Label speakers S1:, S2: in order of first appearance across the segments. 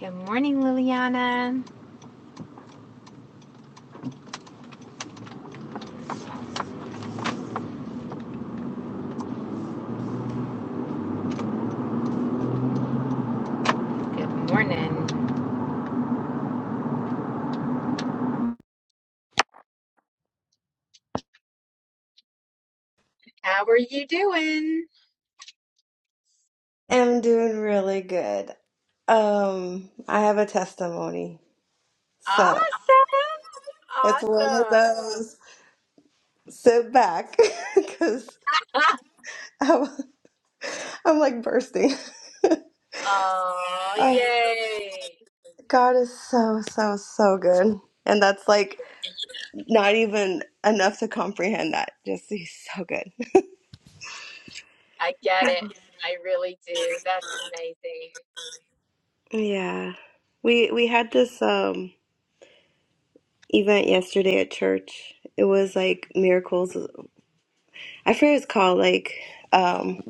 S1: Good morning, Liliana. Good morning. How are you doing?
S2: i am doing really good. Um, I have a testimony, so
S1: Awesome.
S2: it's one of those sit back because
S1: Awesome.
S2: I'm, I'm like bursting.
S1: oh,
S2: Oh,
S1: yay.
S2: God is so, so, so good. And that's
S1: Yeah,
S2: like not even enough to comprehend that. Just he's so good.
S1: I get
S2: Right.
S1: it. I really do. That's
S2: Yeah. We we had this um event yesterday at church. It was like miracles. I forget what it's called like um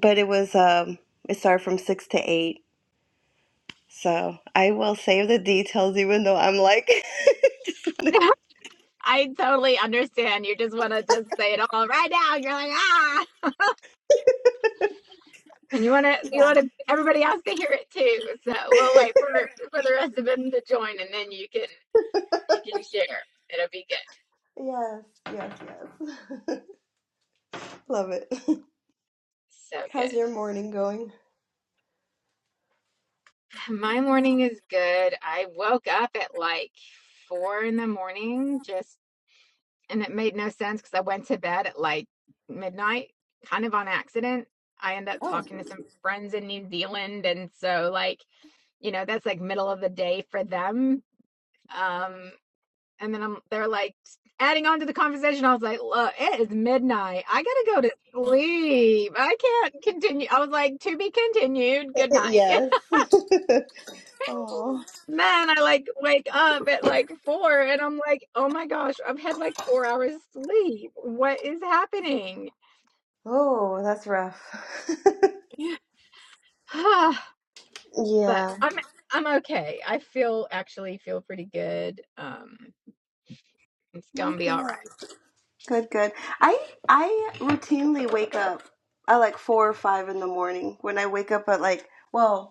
S2: but it was um it started from six to eight so i will save the details even though i'm like
S1: amazing. I totally understand. You just want to just say it all right now. You're like, ah, and you want to, you
S2: yeah
S1: want to, everybody else to hear it too. So we'll wait for, for the rest of them to join and then you can, you can share. It'll be good.
S2: yes yes yes love it
S1: So
S2: how's
S1: good.
S2: your morning going
S1: My morning is good. I woke up at like four in the morning, just, and it made no sense because I went to bed at like midnight, kind of on accident. I end up
S2: oh
S1: talking to some friends in New Zealand. And so, like, you know, that's like middle of the day for them. Um, and then I'm, they're like adding on to the conversation. I was like, look, it is midnight. I gotta go to sleep. I can't continue. I was like, to be continued. Good night.
S2: yes oh
S1: Man, I like wake up at like four and I'm like, oh my gosh, I've had like four hours sleep. What is happening?
S2: oh that's rough
S1: Yeah. but
S2: yeah
S1: I'm I'm okay. I feel actually feel pretty good. Um, it's gonna be
S2: okay
S1: all right.
S2: good good good. i i routinely wake up at like four or five in the morning when i wake up at like well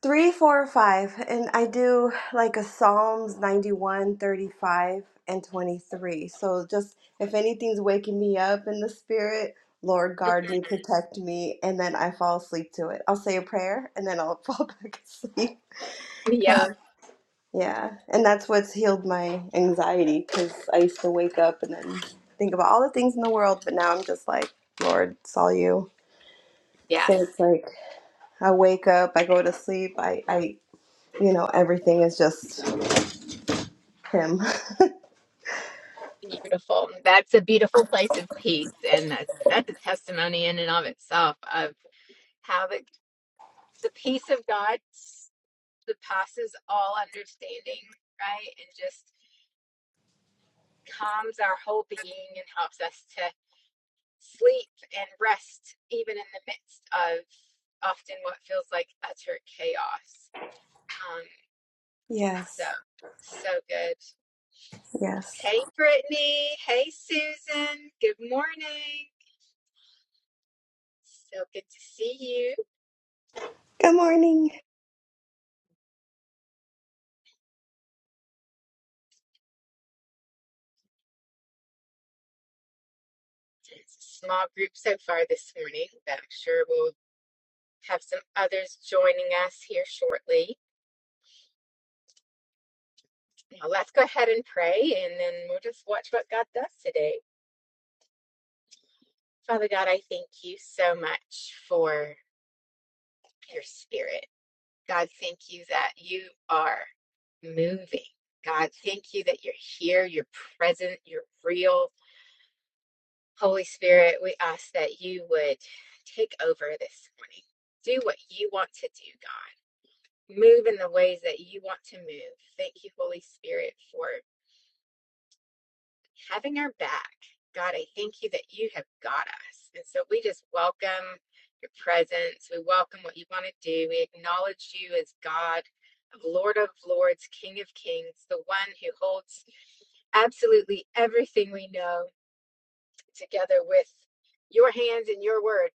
S2: Three, four, five, and I do like a Psalms 91, 35, and 23. So just if anything's waking me up in the spirit, Lord,
S1: Mm-hmm.
S2: guard me, protect me, and then I fall asleep to it. I'll say a prayer and then I'll fall back asleep.
S1: Yeah,
S2: 'Cause- yeah, and that's what's healed my anxiety because I used to wake up and then think about all the things in the world, but now I'm just like, Lord, it's all you. So
S1: yes.
S2: it's like I wake up, I go to sleep, I, I you know, everything is just Him.
S1: Beautiful. That's a beautiful place of peace, and that's that's a testimony in and of itself of how the the peace of God s- that passes all understanding, right? And just calms our whole being and helps us to sleep and rest, even in the midst of often what feels like utter chaos. Um, so,
S2: Yes.
S1: so good.
S2: Yes.
S1: Hey, Brittany. Hey, Susan. Good morning. So good to see you.
S2: Good morning.
S1: It's a small group so far this morning, but I'm sure we'll have some others joining us here shortly. Now, let's go ahead and pray, and then we'll just watch what God does today. Father God, I thank you so much for your spirit. God, thank you that you are moving. God, thank you that you're here, you're present, you're real. Holy Spirit, we ask that you would take over this morning. Do what you want to do, God. Move in the ways that you want to move. Thank you, Holy Spirit, for having our back. God, I thank you that you have got us. And so we just welcome your presence. We welcome what you want to do. We acknowledge you as God, Lord of Lords, King of Kings, the one who holds absolutely everything we know together with your hands and your word.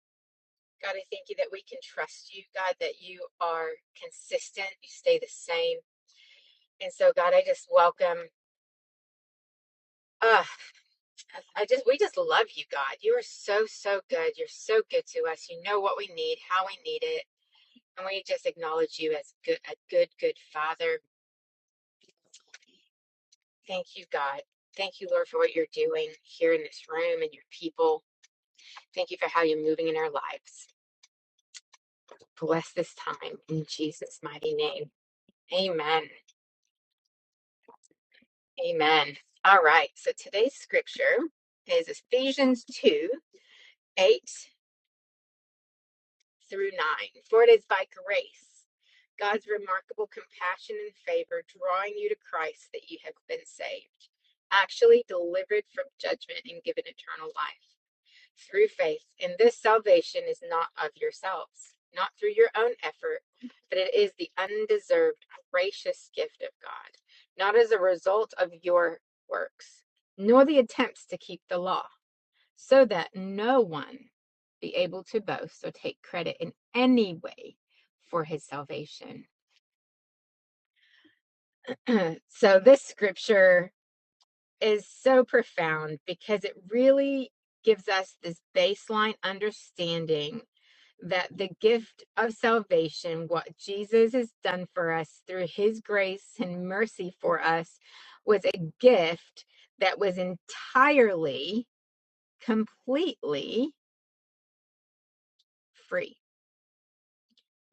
S1: God, I thank you that we can trust you, God, that you are consistent, you stay the same. And so, God, I just welcome. uh, I just we just love you, God. You are so so good. You're so good to us. You know what we need, how we need it, and we just acknowledge you as good a good good Father. Thank you, God. Thank you, Lord, for what you're doing here in this room and your people. Thank you for how you're moving in our lives. Bless this time in Jesus' mighty name. Amen. Amen. All right. So today's scripture is Ephesians 2 8 through 9. For it is by grace, God's remarkable compassion and favor, drawing you to Christ, that you have been saved, actually delivered from judgment and given eternal life through faith. And this salvation is not of yourselves, not through your own effort, but it is the undeserved, gracious gift of God, not as a result of your works, nor the attempts to keep the law so that no one be able to boast or take credit in any way for his salvation. so, this scripture is so profound because it really gives us this baseline understanding that the gift of salvation, what Jesus has done for us through his grace and mercy for us, was a gift that was entirely, completely free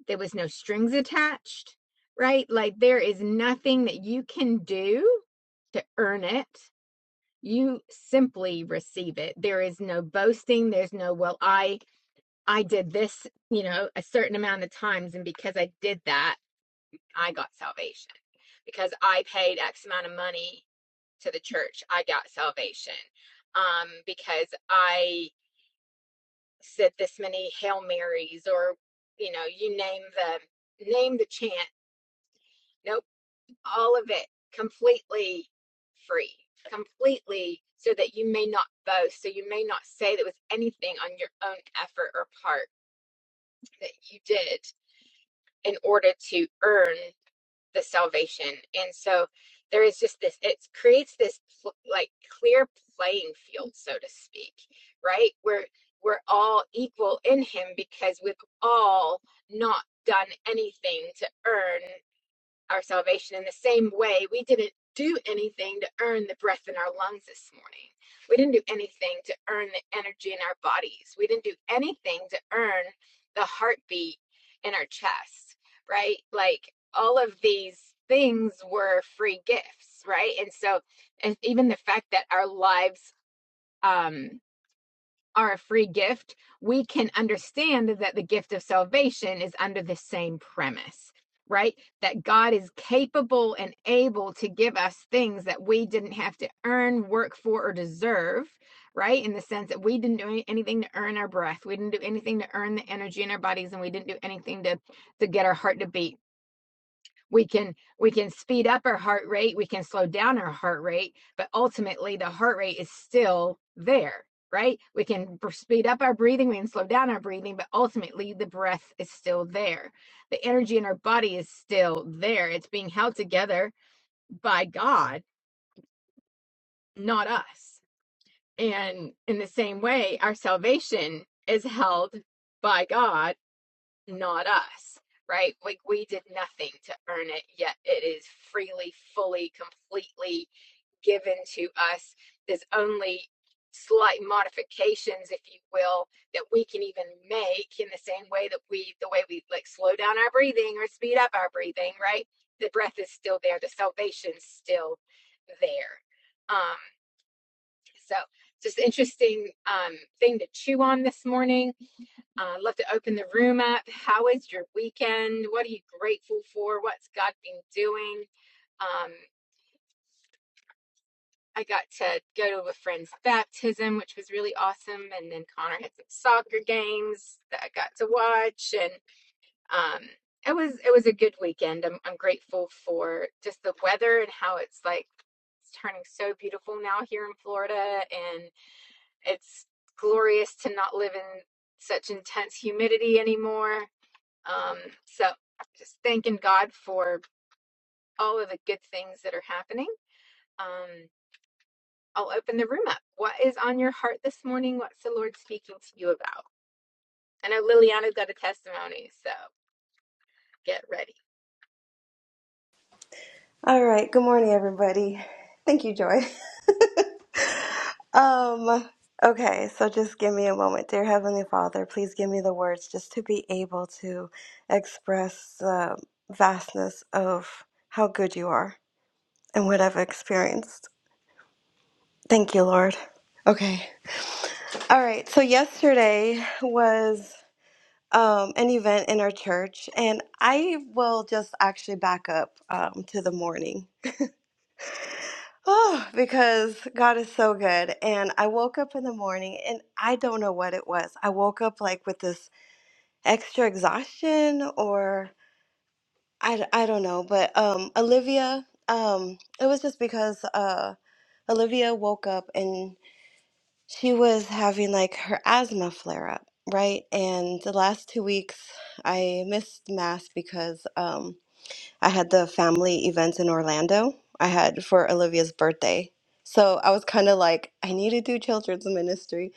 S1: there was no strings attached, right? Like there is nothing that you can do to earn it. You simply receive it. There is no boasting. There's no, well, I I did this, you know, a certain amount of times and because I did that, I got salvation. Because I paid X amount of money to the church, I got salvation. Um because I said this many Hail Marys or you know, you name the name the chant. No, all of it completely free, completely so that you may not boast, so you may not say that it was anything on your own effort or part that you did in order to earn the salvation. And so there is just this, it creates this pl- like clear playing field, so to speak, right? Where we're all equal in Him because we've all not done anything to earn our salvation in the same way we didn't do anything to earn the breath in our lungs this morning. We didn't do anything to earn the energy in our bodies. We didn't do anything to earn the heartbeat in our chest, right? Like all of these things were free gifts, right? And so, and even the fact that our lives, um, are a free gift, we can understand that the gift of salvation is under the same premise, right? That God is capable and able to give us things that we didn't have to earn, work for, or deserve, right? In the sense that we didn't do anything to earn our breath, we didn't do anything to earn the energy in our bodies, and we didn't do anything to to get our heart to beat we can we can speed up our heart rate we can slow down our heart rate but ultimately the heart rate is still there right we can speed up our breathing we can slow down our breathing but ultimately the breath is still there the energy in our body is still there it's being held together by god not us and in the same way our salvation is held by god not us, right? Like we did nothing to earn it, yet it is freely, fully, completely given to us. There's only slight modifications, if you will, that we can even make in the same way that we, the way we like slow down our breathing or speed up our breathing, right? The breath is still there, the salvation's still there. Um, so just interesting um, thing to chew on this morning uh, love to open the room up. How is your weekend? What are you grateful for? What's God been doing? Um, I got to go to a friend's baptism, which was really awesome. And then Connor had some soccer games that I got to watch, and um, it was it was a good weekend. I'm I'm grateful for just the weather and how it's like it's turning so beautiful now here in Florida, and it's glorious to not live in such intense humidity anymore Um, so just thanking God for all of the good things that are happening. Um, I'll open the room up. What is on your heart this morning? What's the Lord speaking to you about? I know Liliana's got a testimony, so get ready.
S2: All right. Good morning, everybody. Thank you, Joy. Um, okay, so just give me a moment. Dear Heavenly Father, please give me the words just to be able to express the vastness of how good you are and what I've experienced. Thank you, Lord. Okay. All right. So yesterday was um, an event in our church, and I will just actually back up um, to the morning. Oh, because God is so good. And I woke up in the morning and I don't know what it was. I woke up like with this extra exhaustion or I I d- I don't know, but um Olivia um it was just because uh Olivia woke up and she was having like her asthma flare up, right? And the last two weeks I missed mass because um, I had the family events in Orlando. I had for Olivia's birthday. So I was kind of like, I need to do children's ministry.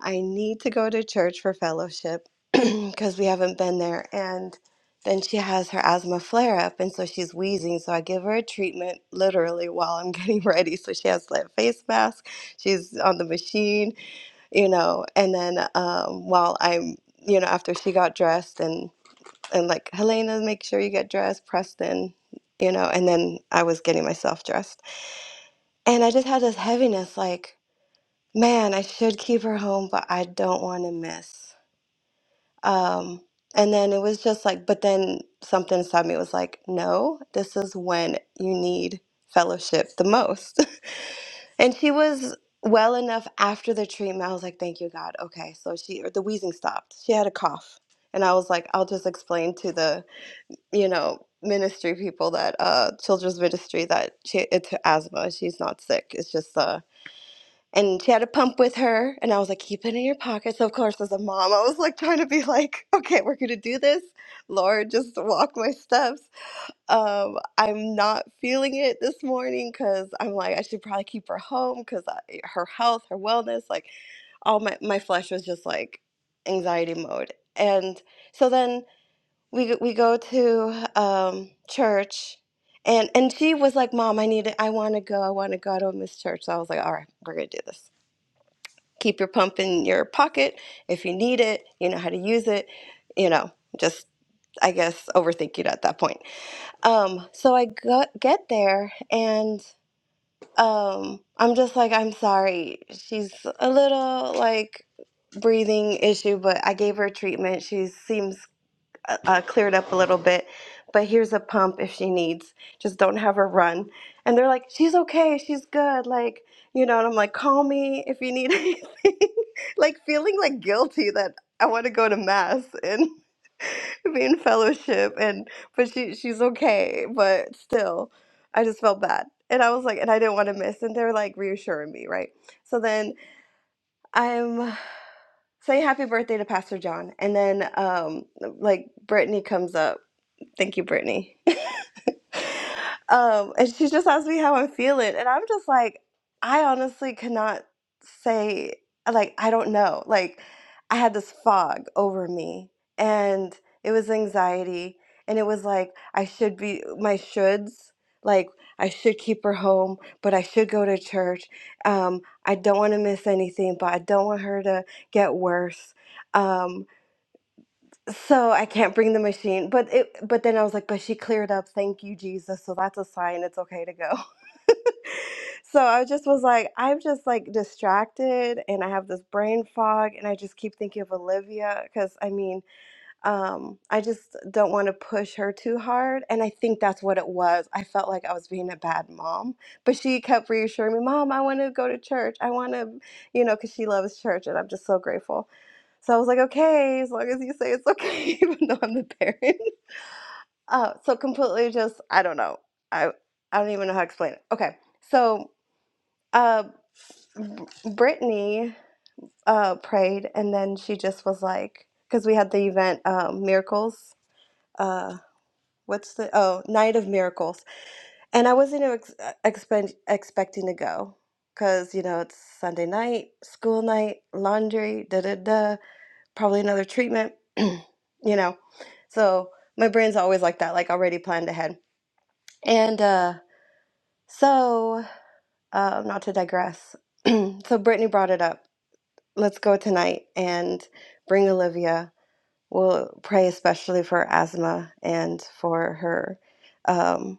S2: I need to go to church for fellowship because we haven't been there. And then she has her asthma flare up. And so she's wheezing. So I give her a treatment literally while I'm getting ready. So she has that face mask. She's on the machine, you know. And then um, while I'm, you know, after she got dressed and and like Helena, make sure you get dressed, Preston, you know, and then I was getting myself dressed. And I just had this heaviness like, man, I should keep her home, but I don't want to miss. Um, and then it was just like, but then something inside me was like, no, this is when you need fellowship the most. and she was well enough after the treatment. I was like, thank you, God. Okay. So she, or the wheezing stopped. She had a cough. And I was like, I'll just explain to the you know, ministry people that uh children's ministry that she it's her asthma. She's not sick. It's just uh and she had a pump with her and I was like, keep it in your pocket. So of course as a mom, I was like trying to be like, okay, we're gonna do this. Lord, just walk my steps. Um, I'm not feeling it this morning because I'm like, I should probably keep her home because her health, her wellness, like all my, my flesh was just like anxiety mode. And so then we we go to um church and and she was like mom i need to i want to go i want to go i don't miss church so i was like all right we're gonna do this keep your pump in your pocket if you need it you know how to use it you know just i guess overthinking at that point um so i go, get there and um i'm just like i'm sorry she's a little like breathing issue but i gave her treatment she seems uh, uh, cleared up a little bit, but here's a pump if she needs. Just don't have her run. And they're like, she's okay, she's good. Like, you know, and I'm like, call me if you need anything. like, feeling like guilty that I want to go to mass and be in fellowship. And, but she, she's okay. But still, I just felt bad. And I was like, and I didn't want to miss. And they were like reassuring me, right? So then. I'm say happy birthday to Pastor John, and then um, like Brittany comes up. Thank you, Brittany. Um, and she just asks me how I'm feeling, and I'm just like, I honestly cannot say. Like I don't know. Like I had this fog over me, and it was anxiety, and it was like I should be my shoulds. Like I should keep her home, but I should go to church. Um, I don't want to miss anything, but I don't want her to get worse. Um, so I can't bring the machine, but it but then I was like, but she cleared up. Thank you, Jesus. So that's a sign it's okay to go. so I just was like, I'm just like distracted and I have this brain fog and I just keep thinking of Olivia because I mean, um, I just don't want to push her too hard. And I think that's what it was. I felt like I was being a bad mom, but she kept reassuring me, Mom, I want to go to church. I want to, you know, because she loves church and I'm just so grateful. So I was like, okay, as long as you say it's okay, even though I'm the parent. Uh, so completely just, I don't know. I, I don't even know how to explain it. Okay. So, uh, Br- Brittany uh, prayed, and then she just was like, because we had the event um, miracles. Uh, what's the oh night of miracles and i wasn't ex- expect, expecting to go because you know it's sunday night school night laundry da da da probably another treatment you know so my brain's always like that like already planned ahead and uh so uh, not to digress so brittany brought it up let's go tonight and bring olivia we'll pray especially for asthma and for her um,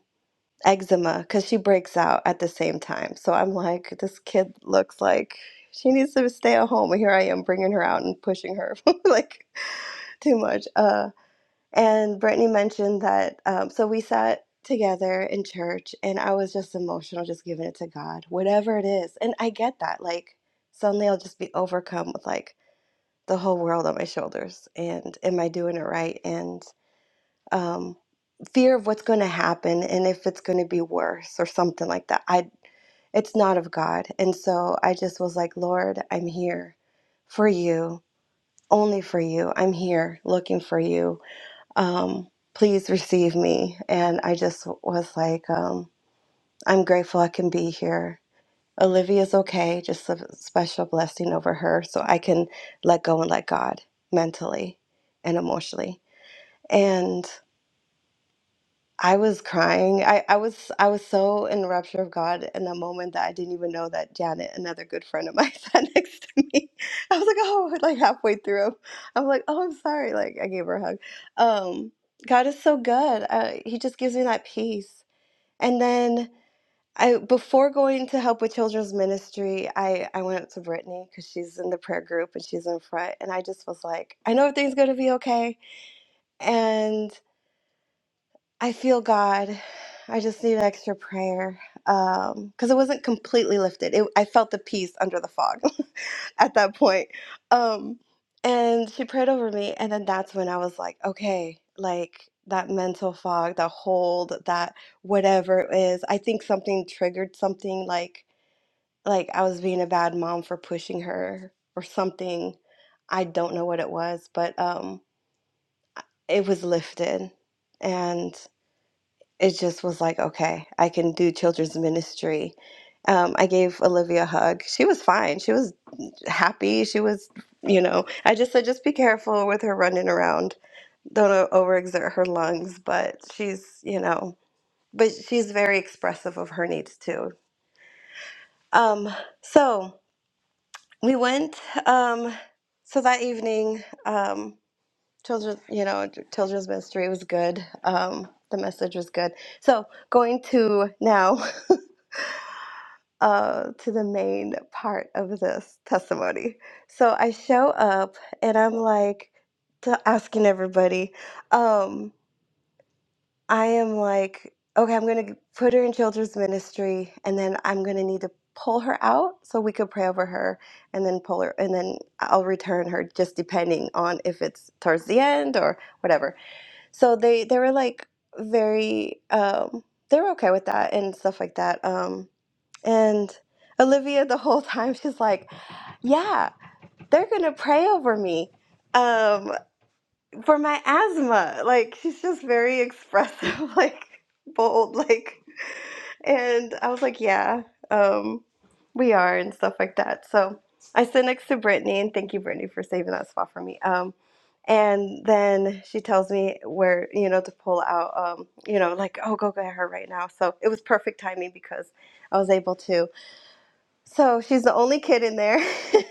S2: eczema because she breaks out at the same time. So I'm like, this kid looks like she needs to stay at home. And here I am bringing her out and pushing her like too much. Uh, and Brittany mentioned that. Um, so we sat together in church and I was just emotional, just giving it to God, whatever it is. And I get that. Like, suddenly I'll just be overcome with like the whole world on my shoulders. And am I doing it right? And um, fear of what's going to happen and if it's going to be worse or something like that. I it's not of God. And so I just was like, Lord, I'm here for you, only for you. I'm here looking for you. Um, please receive me. And I just was like, um, I'm grateful I can be here. Olivia's okay, just a special blessing over her so I can let go and let God mentally and emotionally. and. I was crying. I, I was I was so in rapture of God in that moment that I didn't even know that Janet, another good friend of mine, sat next to me. I was like, oh, like halfway through, I'm like, oh, I'm sorry. Like I gave her a hug. Um, God is so good. Uh, he just gives me that peace. And then I, before going to help with children's ministry, I I went up to Brittany because she's in the prayer group and she's in front, and I just was like, I know everything's gonna be okay. And I feel God. I just need extra prayer because it wasn't completely lifted. It, I felt the peace under the fog at that point. Um, and she prayed over me, and then that's when I was like, okay, like that mental fog, that hold, that whatever it is. I think something triggered something, like like I was being a bad mom for pushing her or something. I don't know what it was, but um, it was lifted, and it just was like, okay, I can do children's ministry. Um, I gave Olivia a hug. She was fine. She was happy. She was, you know, I just said, just be careful with her running around. Don't o- overexert her lungs, but she's, you know, but she's very expressive of her needs too. Um, so we went, um, so that evening, um, children, you know, children's ministry was good. Um, the message was good. So going to now. uh, to the main part of this testimony. So I show up and I'm like to asking everybody, um, I am like, okay, I'm going to put her in children's ministry and then I'm going to need to pull her out so we could pray over her and then pull her and then I'll return her just depending on if it's towards the end or whatever. So they they were like very um they were okay with that and stuff like that. Um and Olivia, the whole time, she's like, Yeah, they're going to pray over me um, for my asthma. Like, she's just very expressive, like, bold. Like, and I was like, Yeah, um, we are, and stuff like that. So I sit next to Brittany, and thank you, Brittany, for saving that spot for me. Um, and then she tells me where, you know, to pull out, um, you know, like, oh, go get her right now. So it was perfect timing because I was able to. So she's the only kid in there.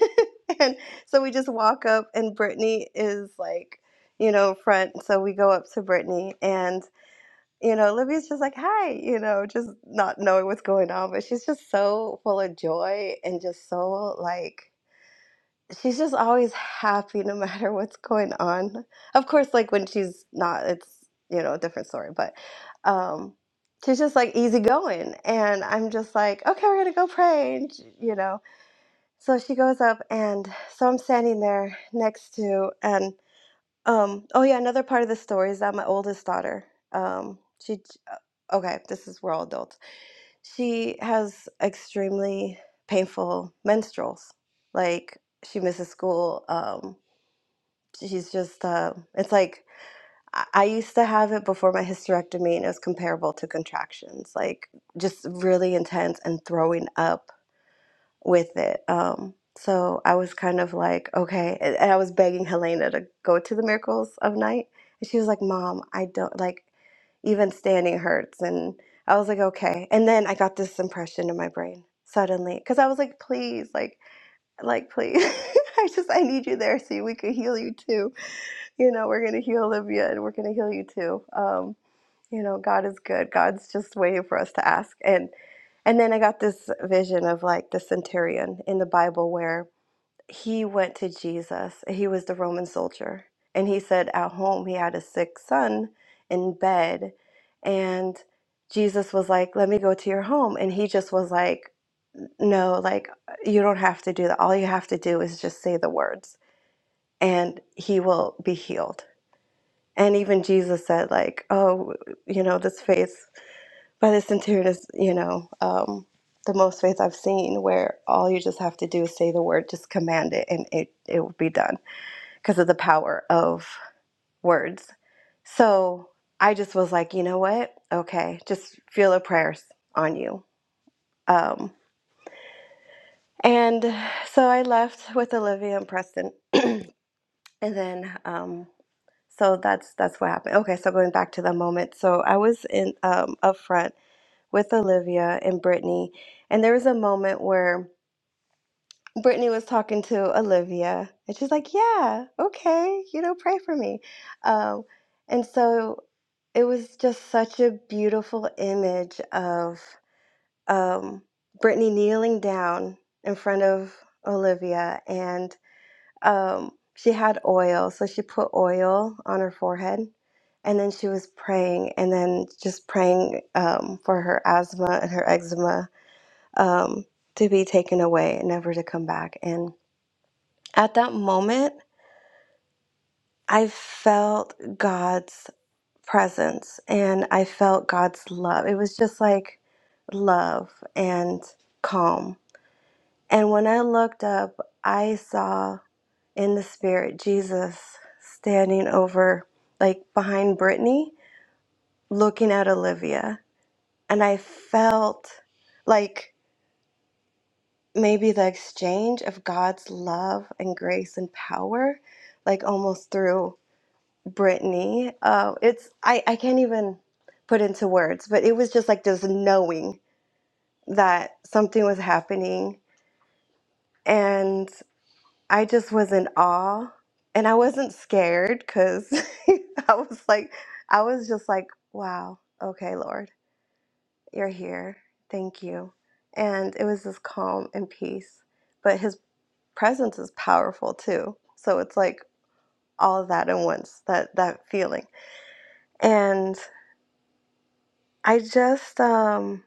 S2: and so we just walk up, and Brittany is like, you know, front. So we go up to Brittany, and, you know, Libby's just like, hi, you know, just not knowing what's going on. But she's just so full of joy and just so like, she's just always happy no matter what's going on. Of course, like when she's not, it's, you know, a different story. But, um, she's just like easygoing. And I'm just like, okay, we're going to go pray. And, you know, so she goes up, and so I'm standing there next to, and um, oh yeah, another part of the story is that my oldest daughter, um, she, okay, this is we're all adults. She has extremely painful menstruals. Like she misses school. Um, she's just, uh, it's like I I used to have it before my hysterectomy, and it was comparable to contractions, like just really intense and throwing up with it. Um, so I was kind of like, okay. And and I was begging Helena to go to the Miracles of Night. And she was like, Mom, I don't like even standing hurts. And I was like, okay. And then I got this impression in my brain suddenly because I was like, please, like, like, please. I just, I need you there so we could heal you too. You know, we're going to heal Olivia and we're going to heal you too. Um, you know god is good god's just waiting for us to ask and and then i got this vision of like the centurion in the bible where he went to jesus he was the roman soldier and he said at home he had a sick son in bed and jesus was like let me go to your home and he just was like no like you don't have to do that all you have to do is just say the words and he will be healed and even jesus said like oh you know this faith but the centurion is, you know, um, the most faith I've seen where all you just have to do is say the word, just command it, and it, it will be done because of the power of words. So I just was like, you know what? Okay, just feel the prayers on you. Um, and so I left with Olivia and Preston, and then um, so that's that's what happened. Okay, so going back to the moment, so I was in um, up front with Olivia and Brittany, and there was a moment where Brittany was talking to Olivia, and she's like, "Yeah, okay, you know, pray for me." Um, and so it was just such a beautiful image of um, Brittany kneeling down in front of Olivia, and um, she had oil, so she put oil on her forehead, and then she was praying, and then just praying um, for her asthma and her eczema um, to be taken away and never to come back, and at that moment, I felt God's presence and I felt God's love. It was just like love and calm. And when I looked up, I saw in the spirit Jesus standing over, like behind Brittany, looking at Olivia. And I felt like maybe the exchange of God's love and grace and power, like almost through Brittany. Uh, it's I, I can't even put into words, but it was just like this knowing that something was happening, and I just was in awe, and I wasn't scared because I was like, I was just like, wow, okay, Lord, you're here, thank you, and it was this calm and peace, but His presence is powerful too, so it's like all of that at once, that that feeling, and. I just um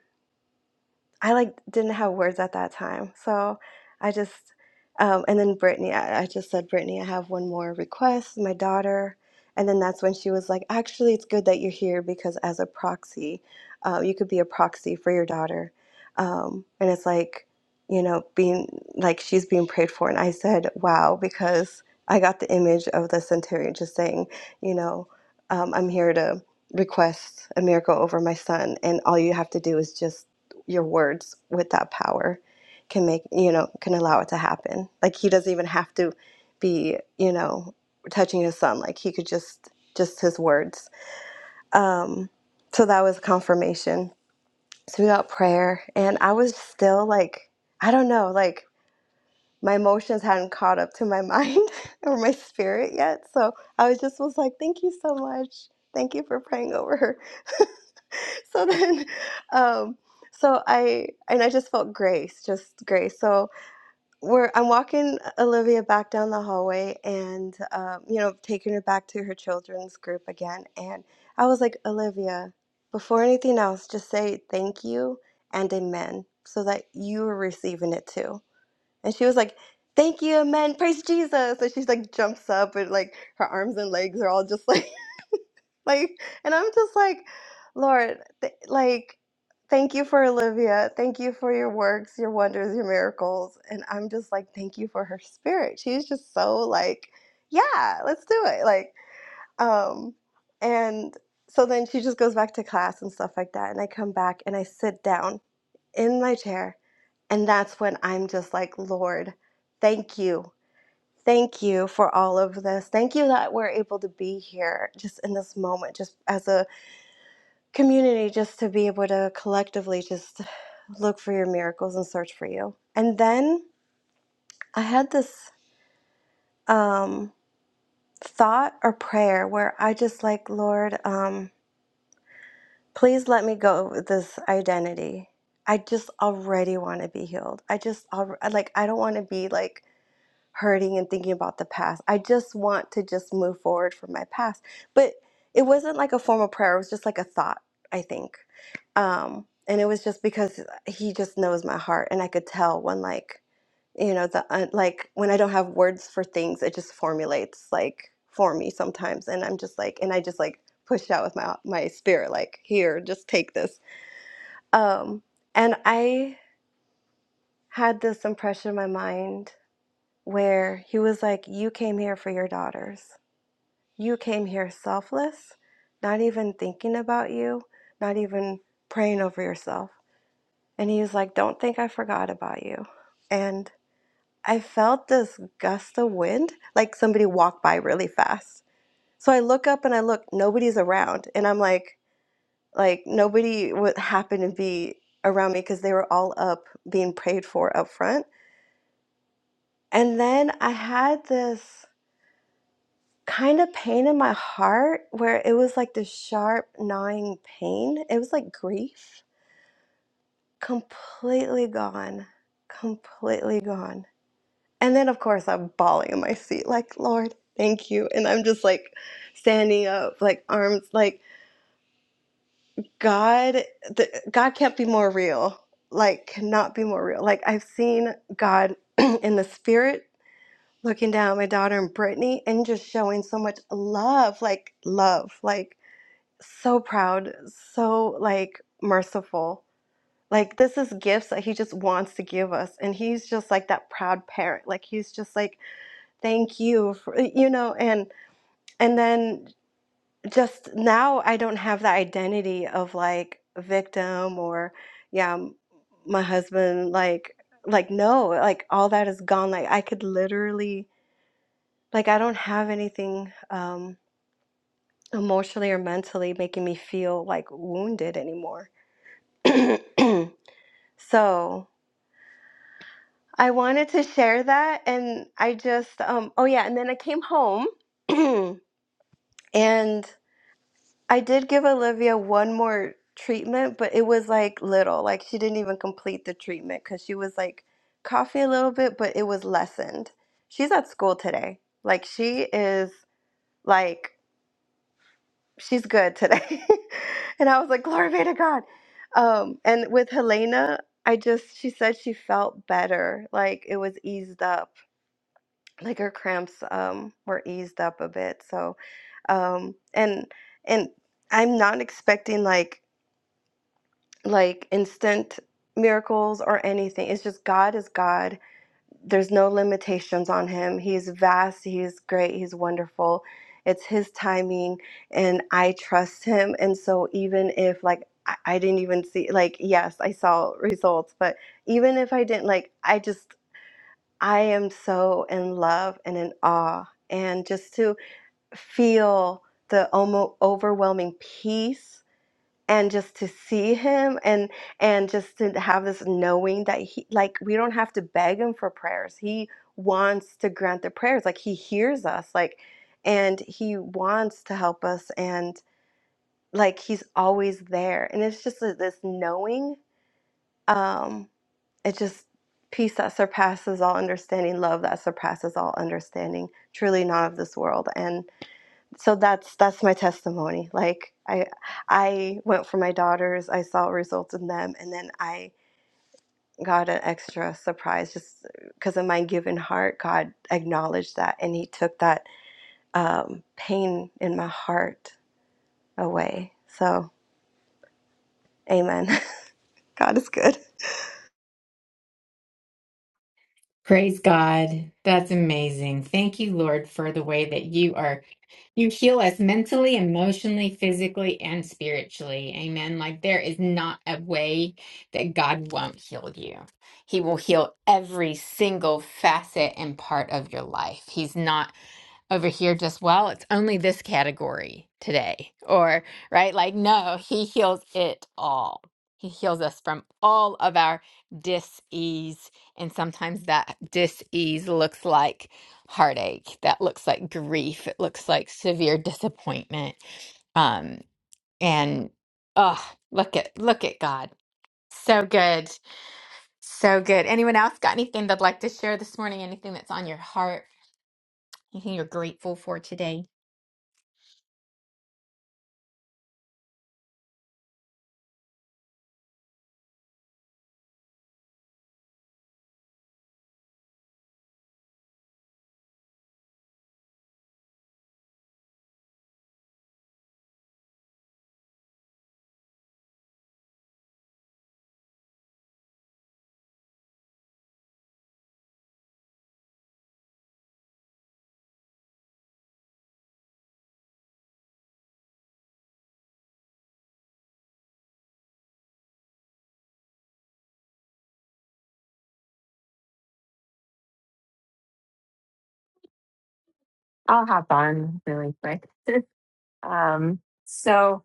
S2: I like didn't have words at that time. So I just um, and then Brittany, I, I just said, Brittany, I have one more request, my daughter. And then that's when she was like, actually, it's good that you're here because as a proxy, uh, you could be a proxy for your daughter. Um, and it's like, you know, being like she's being prayed for. And I said, wow, because I got the image of the centurion just saying, you know, um, I'm here to request a miracle over my son. And all you have to do is just your words with that power can make you know can allow it to happen like he doesn't even have to be you know touching his son like he could just just his words um so that was confirmation so we got prayer and i was still like i don't know like my emotions hadn't caught up to my mind or my spirit yet so i was just was like thank you so much thank you for praying over her so then um so i and i just felt grace just grace so we're i'm walking olivia back down the hallway and um, you know taking her back to her children's group again and i was like olivia before anything else just say thank you and amen so that you are receiving it too and she was like thank you amen praise jesus and she's like jumps up and like her arms and legs are all just like like and i'm just like lord th- like thank you for olivia thank you for your works your wonders your miracles and i'm just like thank you for her spirit she's just so like yeah let's do it like um and so then she just goes back to class and stuff like that and i come back and i sit down in my chair and that's when i'm just like lord thank you thank you for all of this thank you that we're able to be here just in this moment just as a community just to be able to collectively just look for your miracles and search for you. And then I had this um, thought or prayer where I just like, Lord, um, please let me go with this identity. I just already want to be healed. I just alre- like I don't want to be like hurting and thinking about the past. I just want to just move forward from my past. But it wasn't like a formal prayer, it was just like a thought, I think. Um, and it was just because he just knows my heart and I could tell when like, you know, the uh, like when I don't have words for things, it just formulates like for me sometimes and I'm just like and I just like push out with my my spirit like here, just take this. Um and I had this impression in my mind where he was like, You came here for your daughters. You came here selfless, not even thinking about you, not even praying over yourself. And he was like, Don't think I forgot about you. And I felt this gust of wind, like somebody walked by really fast. So I look up and I look, nobody's around. And I'm like, like nobody would happen to be around me because they were all up being prayed for up front. And then I had this kind of pain in my heart where it was like this sharp gnawing pain. It was like grief, completely gone, completely gone. And then of course I'm bawling in my seat like, "Lord, thank you." And I'm just like standing up, like arms like God the, God can't be more real. Like cannot be more real. Like I've seen God in the spirit looking down at my daughter and Brittany and just showing so much love, like love, like so proud, so like merciful. Like this is gifts that he just wants to give us and he's just like that proud parent. Like he's just like thank you for you know and and then just now I don't have that identity of like victim or yeah, m- my husband like like no, like all that is gone. Like I could literally like I don't have anything um emotionally or mentally making me feel like wounded anymore so I wanted to share that, and I just um oh yeah, and then I came home, and I did give Olivia one more treatment, but it was like little, like she didn't even complete the treatment because she was like coughing a little bit, but it was lessened. She's at school today, like she is like. she's good today. and I was like, glory be to God. Um, and with Helena, I just, she said she felt better. Like it was eased up. Like her cramps um, were eased up a bit. So, um, and, and I'm not expecting like, like instant miracles or anything. It's just God is God there's no limitations on him. He's vast, he's great, he's wonderful. It's his timing, and I trust him. And so, even if like I I didn't even see, like, yes, I saw results, but even if I didn't, like, I just, I am so in love and in awe. And just to feel the almost overwhelming peace and just to see him and and just to have this knowing that he like we don't have to beg him for prayers he wants to grant the prayers like he hears us like and he wants to help us and like he's always there and it's just a- this knowing um it just peace that surpasses all understanding love that surpasses all understanding truly not of this world so that's that's my testimony like i i went for my daughters i saw results in them and then i got an extra surprise just because of my given heart god acknowledged that and he took that um, pain in my heart away so amen god is good
S1: Praise God. That's amazing. Thank you, Lord, for the way that you are. You heal us mentally, emotionally, physically, and spiritually. Amen. Like there is not a way that God won't heal you. He will heal every single facet and part of your life. He's not over here just, well, it's only this category today, or, right? Like, no, He heals it all. He heals us from all of our dis ease. And sometimes that dis ease looks like heartache, that looks like grief, it looks like severe disappointment. Um, and oh, look at look at God. So good. So good. Anyone else got anything they'd like to share this morning? Anything that's on your heart? Anything you're grateful for today?
S3: I'll hop on really quick. um, so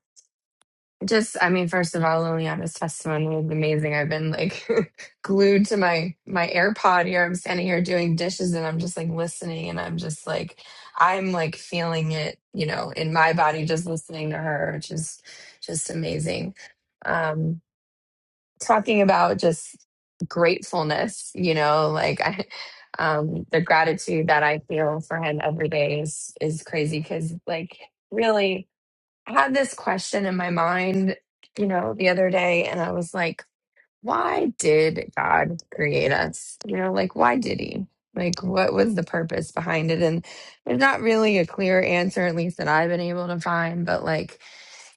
S3: just, I mean, first of all, Liliana's testimony was amazing. I've been like glued to my my AirPod here. I'm standing here doing dishes and I'm just like listening and I'm just like I'm like feeling it, you know, in my body just listening to her, which is just amazing. Um, talking about just gratefulness, you know, like I, um, the gratitude that I feel for him every day is is crazy because, like, really, I had this question in my mind, you know, the other day, and I was like, why did God create us? You know, like, why did He? Like, what was the purpose behind it? And there's not really a clear answer, at least that I've been able to find, but like,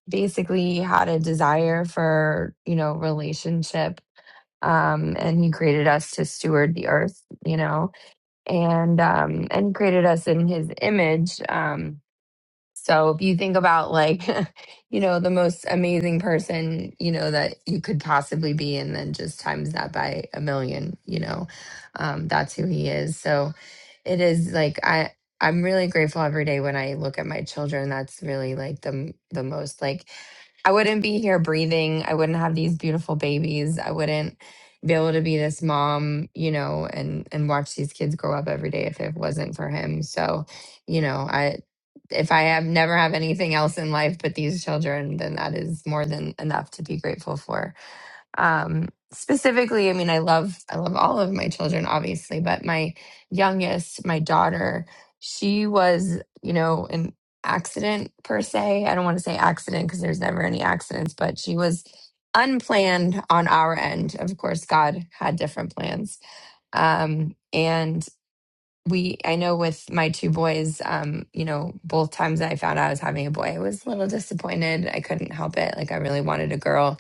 S3: basically, he had a desire for, you know, relationship um, and he created us to steward the earth, you know, and um, and created us in his image. Um, so if you think about like, you know, the most amazing person, you know, that you could possibly be, and then just times that by a million, you know, um, that's who he is. So it is like I. I'm really grateful every day when I look at my children. That's really like the m- the most like I wouldn't be here breathing. I wouldn't have these beautiful babies. I wouldn't be able to be this mom, you know, and and watch these kids grow up every day if it wasn't for him. So, you know, I if I have never have anything else in life but these children, then that is more than enough to be grateful for um specifically i mean i love i love all of my children obviously but my youngest my daughter she was you know an accident per se i don't want to say accident because there's never any accidents but she was unplanned on our end of course god had different plans um and we i know with my two boys um you know both times that i found out i was having a boy i was a little disappointed i couldn't help it like i really wanted a girl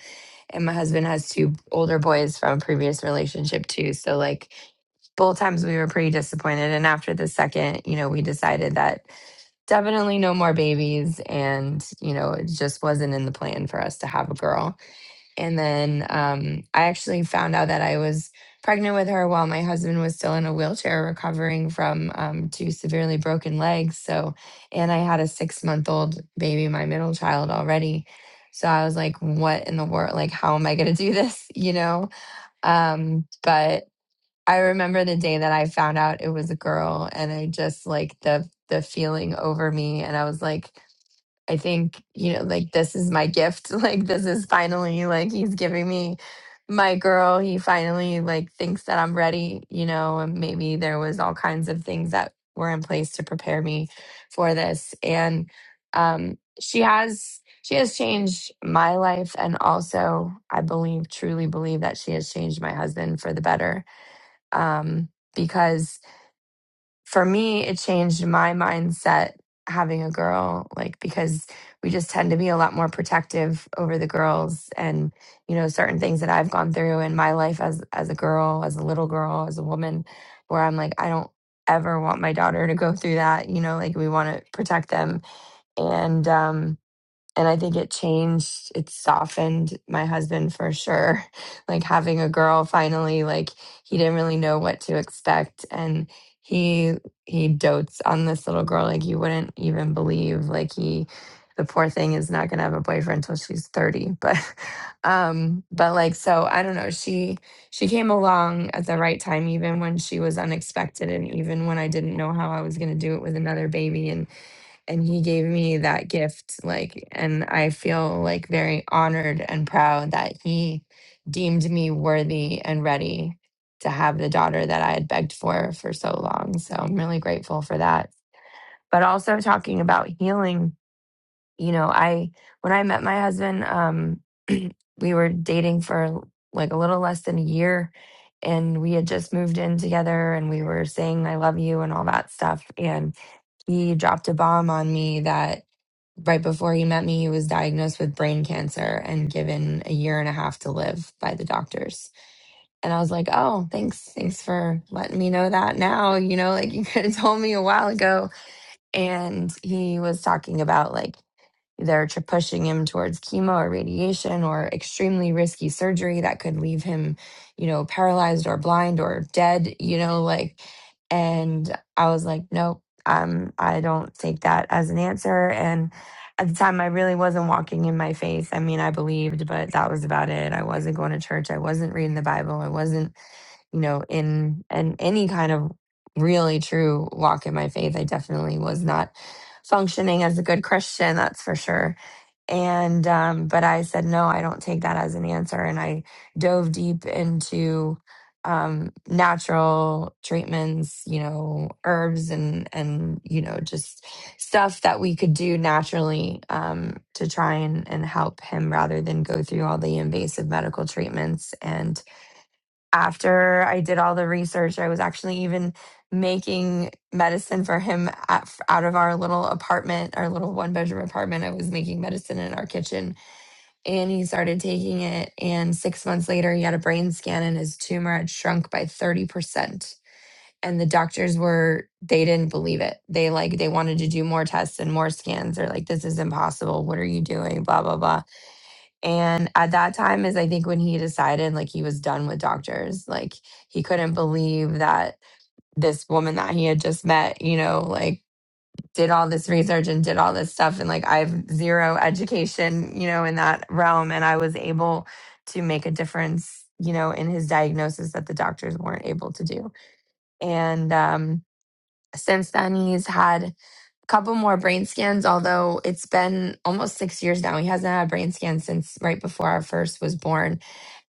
S3: and my husband has two older boys from a previous relationship too so like both times we were pretty disappointed and after the second you know we decided that definitely no more babies and you know it just wasn't in the plan for us to have a girl and then um, I actually found out that I was pregnant with her while my husband was still in a wheelchair recovering from um, two severely broken legs. So, and I had a six month old baby, my middle child already. So I was like, what in the world? Like, how am I going to do this? You know? Um, but I remember the day that I found out it was a girl and I just like the, the feeling over me. And I was like, I think, you know, like this is my gift. Like this is finally like he's giving me my girl. He finally like thinks that I'm ready, you know, and maybe there was all kinds of things that were in place to prepare me for this. And um she has she has changed my life and also I believe truly believe that she has changed my husband for the better. Um because for me, it changed my mindset having a girl, like because we just tend to be a lot more protective over the girls and you know certain things that I've gone through in my life as as a girl, as a little girl, as a woman, where I'm like I don't ever want my daughter to go through that. You know, like we want to protect them, and um, and I think it changed, it softened my husband for sure. Like having a girl finally, like he didn't really know what to expect and he he dotes on this little girl like you wouldn't even believe. Like he the poor thing is not gonna have a boyfriend until she's 30. But um but like so I don't know, she she came along at the right time even when she was unexpected and even when I didn't know how I was gonna do it with another baby. And and he gave me that gift like and i feel like very honored and proud that he deemed me worthy and ready to have the daughter that i had begged for for so long so i'm really grateful for that but also talking about healing you know i when i met my husband um we were dating for like a little less than a year and we had just moved in together and we were saying i love you and all that stuff and he dropped a bomb on me that right before he met me, he was diagnosed with brain cancer and given a year and a half to live by the doctors. And I was like, oh, thanks. Thanks for letting me know that now. You know, like you could have told me a while ago. And he was talking about like either to pushing him towards chemo or radiation or extremely risky surgery that could leave him, you know, paralyzed or blind or dead, you know, like and I was like, nope, um, I don't take that as an answer. And at the time I really wasn't walking in my faith. I mean, I believed, but that was about it. I wasn't going to church. I wasn't reading the Bible. I wasn't, you know, in and any kind of really true walk in my faith. I definitely was not functioning as a good Christian, that's for sure and, um, but I said, no, I don't take that as an answer. And I dove deep into um, natural treatments, you know, herbs and, and, you know, just stuff that we could do naturally um, to try and, and help him rather than go through all the invasive medical treatments. And after I did all the research, I was actually even making medicine for him at, out of our little apartment, our little one bedroom apartment. I was making medicine in our kitchen and he started taking it. And six months later, he had a brain scan and his tumor had shrunk by 30%. And the doctors were, they didn't believe it. They like, they wanted to do more tests and more scans. They're like, this is impossible. What are you doing? Blah, blah, blah and at that time is I think when he decided like he was done with doctors. Like he couldn't believe that this woman that he had just met, you know, like did all this research and did all this stuff and like I have zero education, you know, in that realm and I was able to make a difference, you know, in his diagnosis that the doctors weren't able to do. And um since then he's had couple more brain scans, although it's been almost six years now. He hasn't had a brain scan since right before our first was born.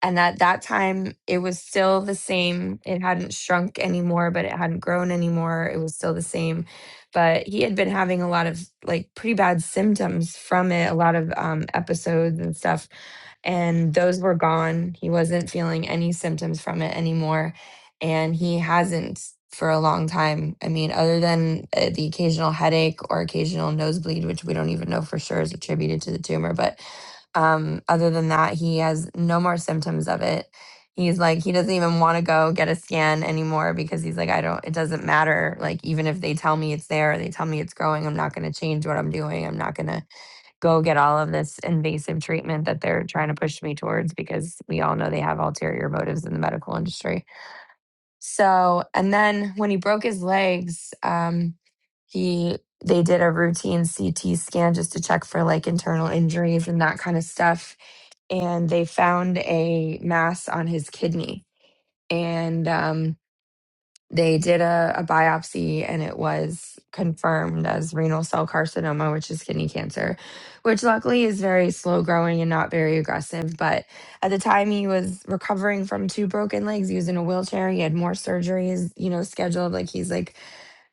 S3: And at that time, it was still the same. It hadn't shrunk anymore, but it hadn't grown anymore. It was still the same. But he had been having a lot of like pretty bad symptoms from it, a lot of um, episodes and stuff. And those were gone. He wasn't feeling any symptoms from it anymore and he hasn't for a long time. I mean, other than uh, the occasional headache or occasional nosebleed, which we don't even know for sure is attributed to the tumor, but um, other than that, he has no more symptoms of it. He's like, he doesn't even want to go get a scan anymore because he's like, I don't, it doesn't matter. Like, even if they tell me it's there, or they tell me it's growing, I'm not going to change what I'm doing. I'm not going to go get all of this invasive treatment that they're trying to push me towards because we all know they have ulterior motives in the medical industry. So, and then when he broke his legs, um, he they did a routine CT scan just to check for like internal injuries and that kind of stuff, and they found a mass on his kidney. And um, they did a, a biopsy and it was confirmed as renal cell carcinoma, which is kidney cancer, which luckily is very slow growing and not very aggressive. But at the time, he was recovering from two broken legs. He was in a wheelchair. He had more surgeries, you know, scheduled. Like he's like,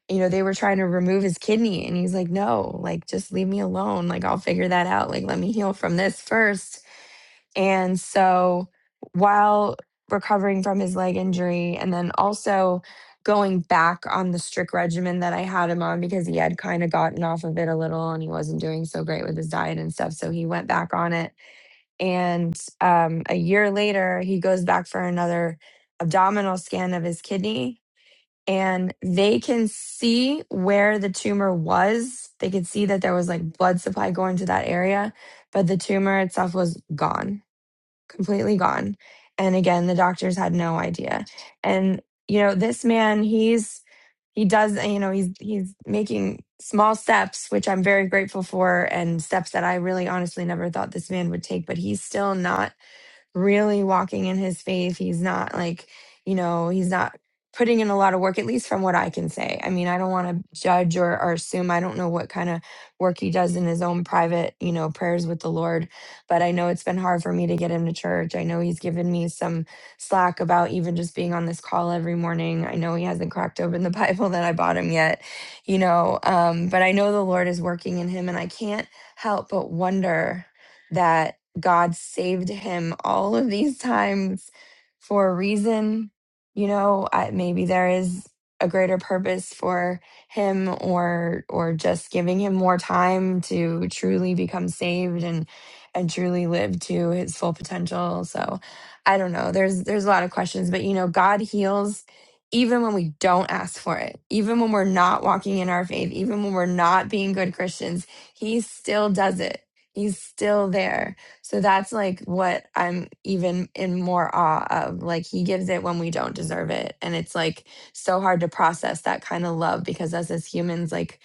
S3: you know, they were trying to remove his kidney. And he's like, no, like, just leave me alone. Like, I'll figure that out. Like, let me heal from this first and so while recovering from his leg injury and then also going back on the strict regimen that I had him on because he had kind of gotten off of it a little and he wasn't doing so great with his diet and stuff. So he went back on it. And um, a year later, he goes back for another abdominal scan of his kidney. And they can see where the tumor was. They could see that there was like blood supply going to that area, but the tumor itself was gone completely gone. And again, the doctors had no idea. And you know, this man, he's he does, you know, he's he's making small steps, which I'm very grateful for, and steps that I really honestly never thought this man would take. But he's still not really walking in his faith. He's not like, you know, he's not putting in a lot of work, at least from what I can say. I mean, I don't want to judge or, or assume. I don't know what kind of work he does in his own private, you know, prayers with the Lord. But I know it's been hard for me to get him to church. I know he's given me some slack about even just being on this call every morning. I know he hasn't cracked open the Bible that I bought him yet, you know, um, but I know the Lord is working in him and I can't help but wonder that. God saved him all of these times for a reason. You know, I, maybe there is a greater purpose for him or or just giving him more time to truly become saved and and truly live to his full potential. So, I don't know. There's there's a lot of questions, but you know, God heals even when we don't ask for it. Even when we're not walking in our faith, even when we're not being good Christians, he still does it. He's still there so that's like what I'm even in more awe of. Like he gives it when we don't deserve it. And it's like so hard to process that kind of love because us as humans, like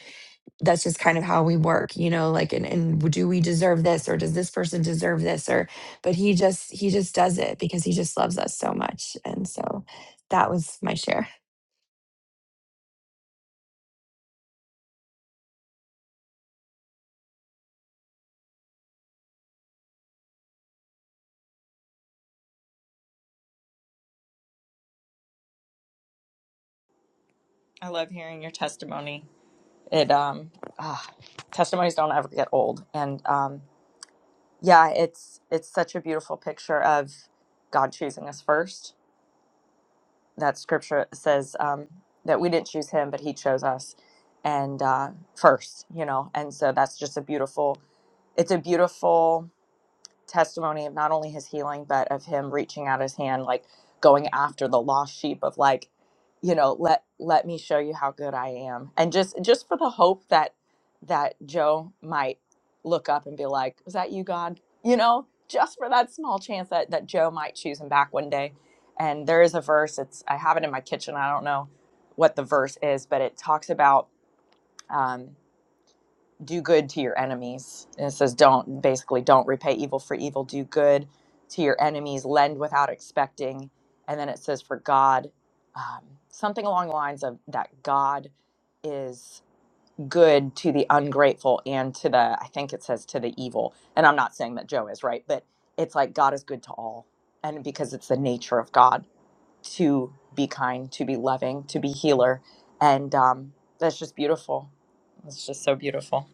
S3: that's just kind of how we work, you know, like and, and do we deserve this or does this person deserve this? Or but he just he just does it because he just loves us so much. And so that was my share.
S4: I love hearing your testimony. It um ah, testimonies don't ever get old. And um yeah, it's it's such a beautiful picture of God choosing us first. That scripture says um that we didn't choose him, but he chose us and uh first, you know. And so that's just a beautiful it's a beautiful testimony of not only his healing but of him reaching out his hand like going after the lost sheep of like you know let let me show you how good i am and just just for the hope that that joe might look up and be like was that you god you know just for that small chance that that joe might choose him back one day and there is a verse it's i have it in my kitchen i don't know what the verse is but it talks about um, do good to your enemies. And it says, don't basically don't repay evil for evil, do good to your enemies, lend without expecting. And then it says, for God, um, something along the lines of that God is good to the ungrateful and to the, I think it says to the evil. And I'm not saying that Joe is right, but it's like God is good to all. And because it's the nature of God to be kind, to be loving, to be healer. And um, that's just beautiful. It's just so beautiful.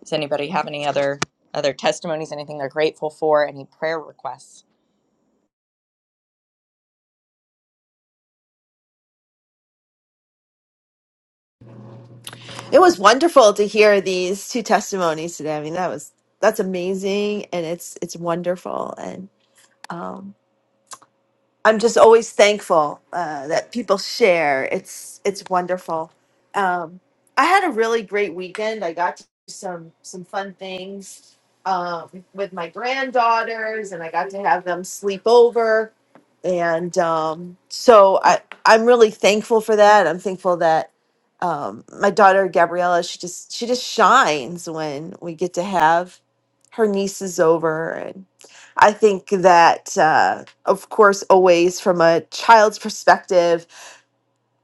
S4: Does anybody have any other other testimonies? Anything they're grateful for? Any prayer requests?
S5: It was wonderful to hear these two testimonies today. I mean, that was that's amazing, and it's it's wonderful, and um, I'm just always thankful uh, that people share. It's it's wonderful. Um, I had a really great weekend. I got to do some some fun things um, with my granddaughters, and I got to have them sleep over. And um, so I I'm really thankful for that. I'm thankful that um, my daughter Gabriella she just she just shines when we get to have her nieces over, and I think that. Uh, of course, always from a child's perspective,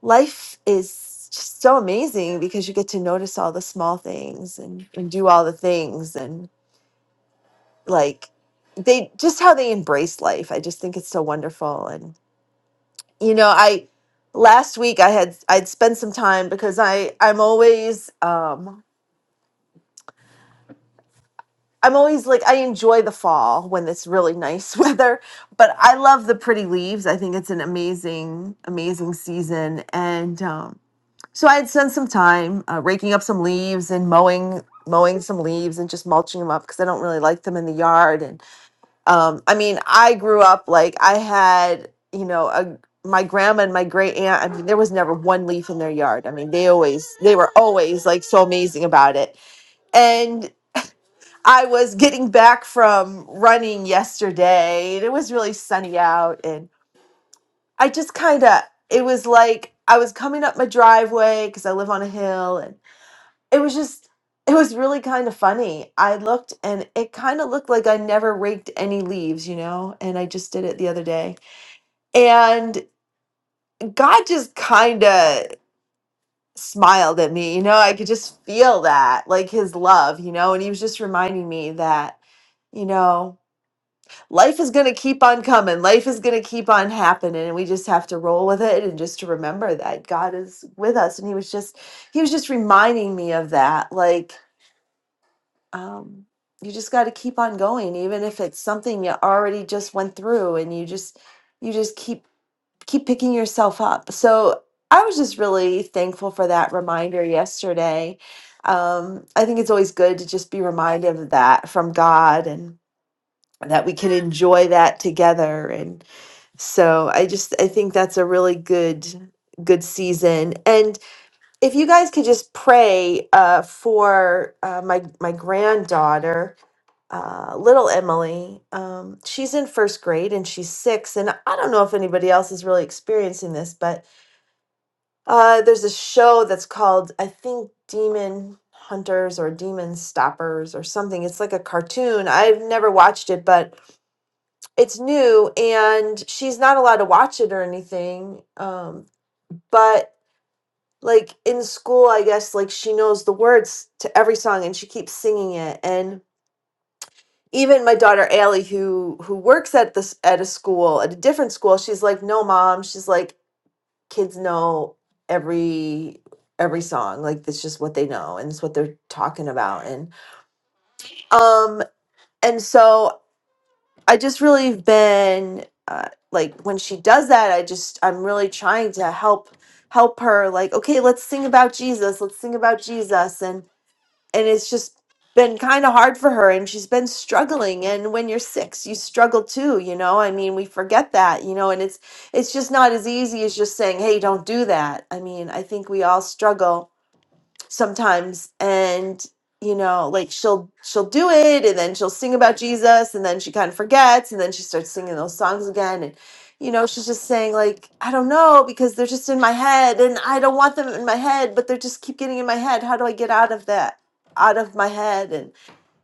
S5: life is just so amazing because you get to notice all the small things and, and do all the things and like they just how they embrace life. I just think it's so wonderful. And you know, I last week I had I'd spent some time because I I'm always um I'm always like I enjoy the fall when it's really nice weather, but I love the pretty leaves. I think it's an amazing amazing season and um So I had spent some time uh, raking up some leaves and mowing mowing some leaves and just mulching them up because I don't really like them in the yard. And um, I mean, I grew up like I had you know a my grandma and my great aunt. I mean, there was never one leaf in their yard. I mean, they always they were always like so amazing about it. And I was getting back from running yesterday, and it was really sunny out, and I just kind of it was like I was coming up my driveway because I live on a hill and it was just it was really kind of funny. I looked and it kind of looked like I never raked any leaves, you know, and I just did it the other day. And God just kind of smiled at me, you know, I could just feel that, like his love, you know, and he was just reminding me that, you know, life is going to keep on coming, life is going to keep on happening, and we just have to roll with it and just to remember that God is with us. And he was just, he was just reminding me of that, like, um, you just got to keep on going even if it's something you already just went through and you just you just keep keep picking yourself up so i was just really thankful for that reminder yesterday um, i think it's always good to just be reminded of that from god and that we can enjoy that together and so I just I think that's a really good good season. And if you guys could just pray uh, for uh, my my granddaughter uh, little Emily, um, she's in first grade and she's six. And I don't know if anybody else is really experiencing this, but uh, there's a show that's called, I think, Demon Hunters or Demon Stoppers or something. It's like a cartoon. I've never watched it, but it's new and she's not allowed to watch it or anything. Um, but like in school, I guess, like she knows the words to every song and she keeps singing it. and. even my daughter Allie, who who works at this at a school at a different school, she's like, "No, mom." She's like, "Kids know every every song. Like that's just what they know, and it's what they're talking about." And um, and so I just really have been uh, like, when she does that, I just I'm really trying to help help her. Like, okay, let's sing about Jesus. Let's sing about Jesus. And and it's just been kind of hard for her and she's been struggling and when you're 6 you struggle too you know i mean we forget that you know and it's it's just not as easy as just saying hey don't do that i mean i think we all struggle sometimes and you know like she'll she'll do it and then she'll sing about jesus and then she kind of forgets and then she starts singing those songs again and you know she's just saying like i don't know because they're just in my head and i don't want them in my head but they just keep getting in my head how do i get out of that out of my head and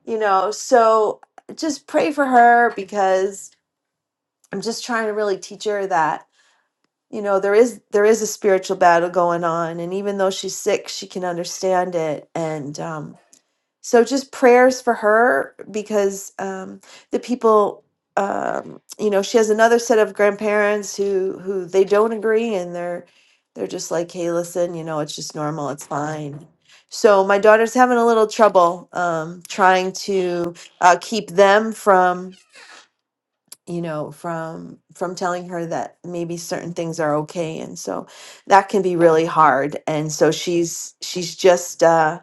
S5: you know so just pray for her because i'm just trying to really teach her that you know there is there is a spiritual battle going on and even though she's sick she can understand it and um so just prayers for her because um the people um you know she has another set of grandparents who who they don't agree and they're they're just like hey listen you know it's just normal it's fine so my daughter's having a little trouble um trying to uh keep them from you know from from telling her that maybe certain things are okay and so that can be really hard and so she's she's just uh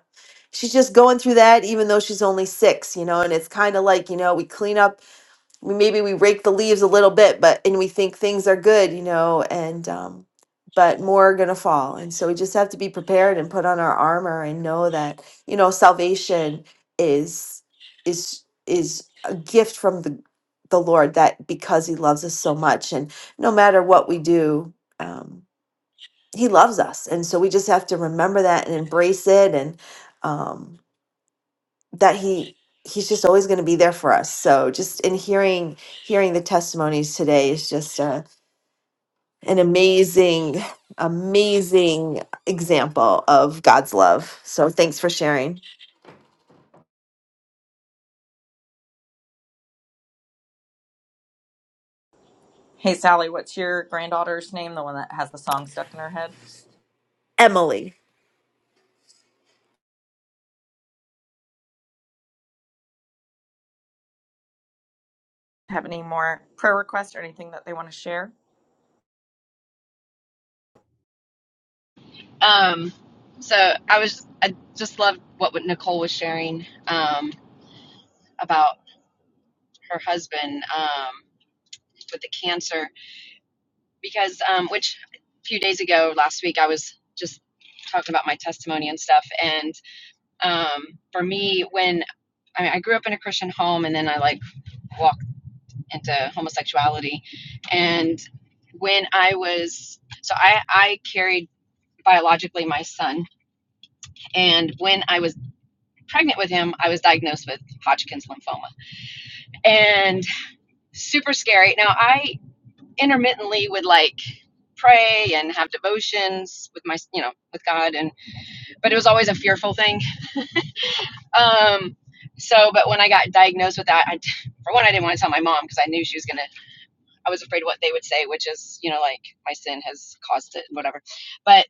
S5: she's just going through that even though she's only 6 you know and it's kind of like you know we clean up we- maybe we rake the leaves a little bit but and we think things are good you know and um but more are going to fall and so we just have to be prepared and put on our armor and know that you know salvation is is is a gift from the the lord that because he loves us so much and no matter what we do um he loves us and so we just have to remember that and embrace it and Um, that he he's just always going to be there for us so just in hearing hearing the testimonies today is just uh an amazing amazing example of god's love so thanks for sharing
S4: Hey Sally, what's your granddaughter's name? The one that has the song stuck in her head.
S5: emily
S4: Have any more prayer requests or anything that they want to share?
S6: Um, so I was I just loved what Nicole was sharing um, about her husband um, with the cancer because um, which a few days ago last week I was just talking about my testimony and stuff and um, for me when I, mean, I grew up in a Christian home and then I like walked into homosexuality and when I was so I I carried biologically my son and when I was pregnant with him, I was diagnosed with Hodgkin's lymphoma and super scary. Now, I intermittently would like pray and have devotions with my, you know, with God, and but it was always a fearful thing. Um, so, but when I got diagnosed with that, I, for one, I didn't want to tell my mom because I knew she was gonna, I was afraid of what they would say, which is, you know, like my sin has caused it, whatever. But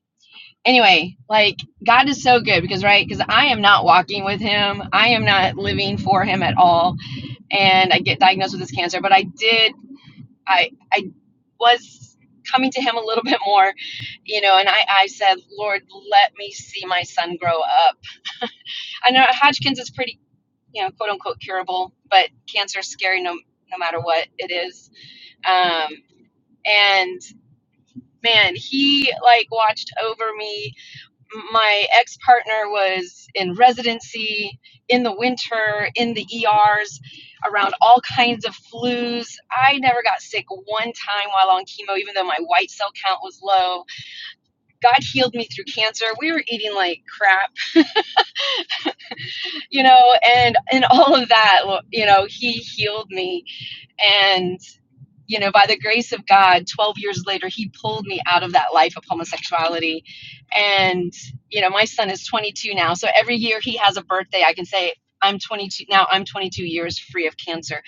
S6: anyway, like God is so good because, right, because I am not walking with Him, I am not living for Him at all and I get diagnosed with this cancer. But I did, I, I was coming to him a little bit more, you know, and I, I said, Lord, let me see my son grow up. I know Hodgkin's is pretty, you know, quote unquote curable, but cancer is scary no, no matter what it is. Um, and man, he like watched over me my ex partner was in residency in the winter in the ERs around all kinds of flus. I never got sick one time while on chemo, even though my white cell count was low. God healed me through cancer. We were eating like crap, you know, and and all of that, you know, He healed me, and you know, by the grace of God, 12 years later, he pulled me out of that life of homosexuality. And, you know, my son is 22 now. So every year he has a birthday, I can say, I'm 22 now, I'm 22 years free of cancer.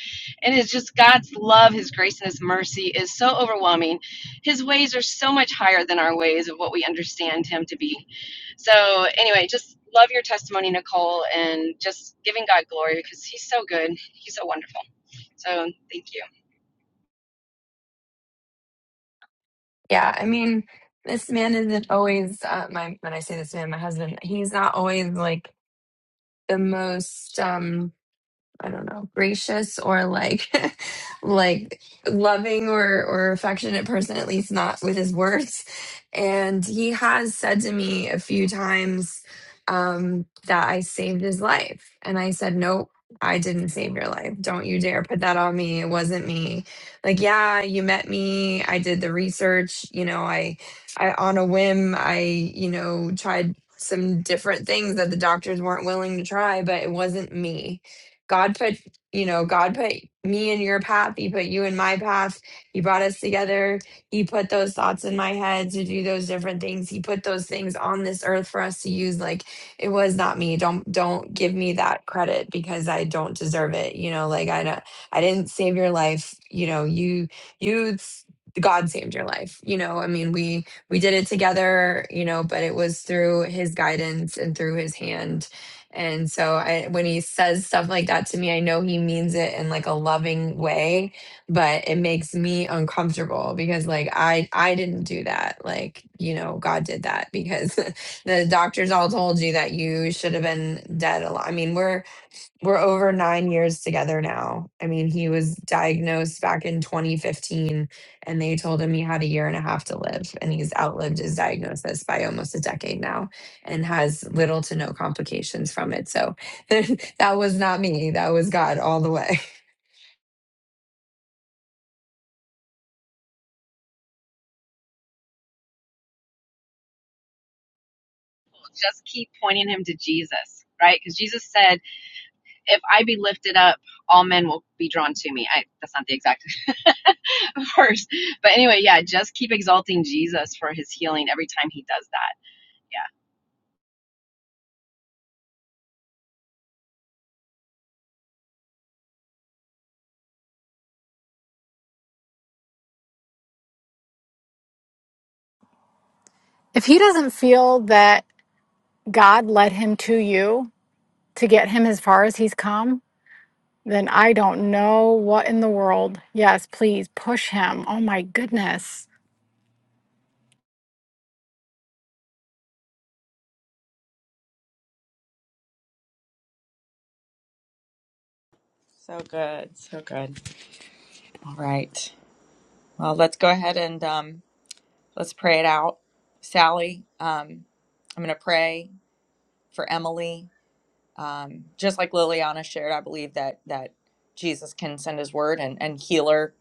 S6: And it's just God's love, his grace, and his mercy is so overwhelming. His ways are so much higher than our ways of what we understand him to be. So, anyway, just love your testimony, Nicole, and just giving God glory because he's so good. He's so wonderful. So, thank you.
S3: Yeah. I mean, this man isn't always uh, my when I say this man, my husband, he's not always like the most um I don't know, gracious or like like loving or or affectionate person at least not with his words. And he has said to me a few times um that I saved his life. And I said, "Nope, I didn't save your life. Don't you dare put that on me. It wasn't me." Like, "Yeah, you met me. I did the research, you know, I I on a whim, I, you know, tried some different things that the doctors weren't willing to try, but it wasn't me God put, you know, God put me in your path. He put you in my path. He brought us together. He put those thoughts in my head to do those different things. He put those things on this earth for us to use. Like it was not me. Don't don't give me that credit because I don't deserve it. You know, like I don't, I didn't save your life. You know, you you s- God saved your life. You know, I mean, we we did it together. You know, but it was through His guidance and through His hand and so I when he says stuff like that to me, I know he means it in like a loving way, but it makes me uncomfortable because like I I didn't do that. Like, you know, God did that because the doctors all told you that you should have been dead a lot. I mean, we're we're over nine years together now. I mean, he was diagnosed back in 2015, and they told him he had a year and a half to live, and he's outlived his diagnosis by almost a decade now, and has little to no complications from it. So that was not me; that was God all the way.
S6: just keep pointing him to Jesus, right? Because Jesus said, "If I be lifted up, all men will be drawn to me." I, that's not the exact verse, but anyway, yeah, just keep exalting Jesus for His healing every time He does that. Yeah.
S7: If he doesn't feel that God led him to you to get him as far as he's come, then I don't know what in the world. Yes, please push him. Oh my goodness.
S4: So good, so good. All right. Well, let's go ahead and um, let's pray it out. Sally, um, I'm going to pray for Emily um, just like Liliana shared, I believe that that Jesus can send His word and and heal her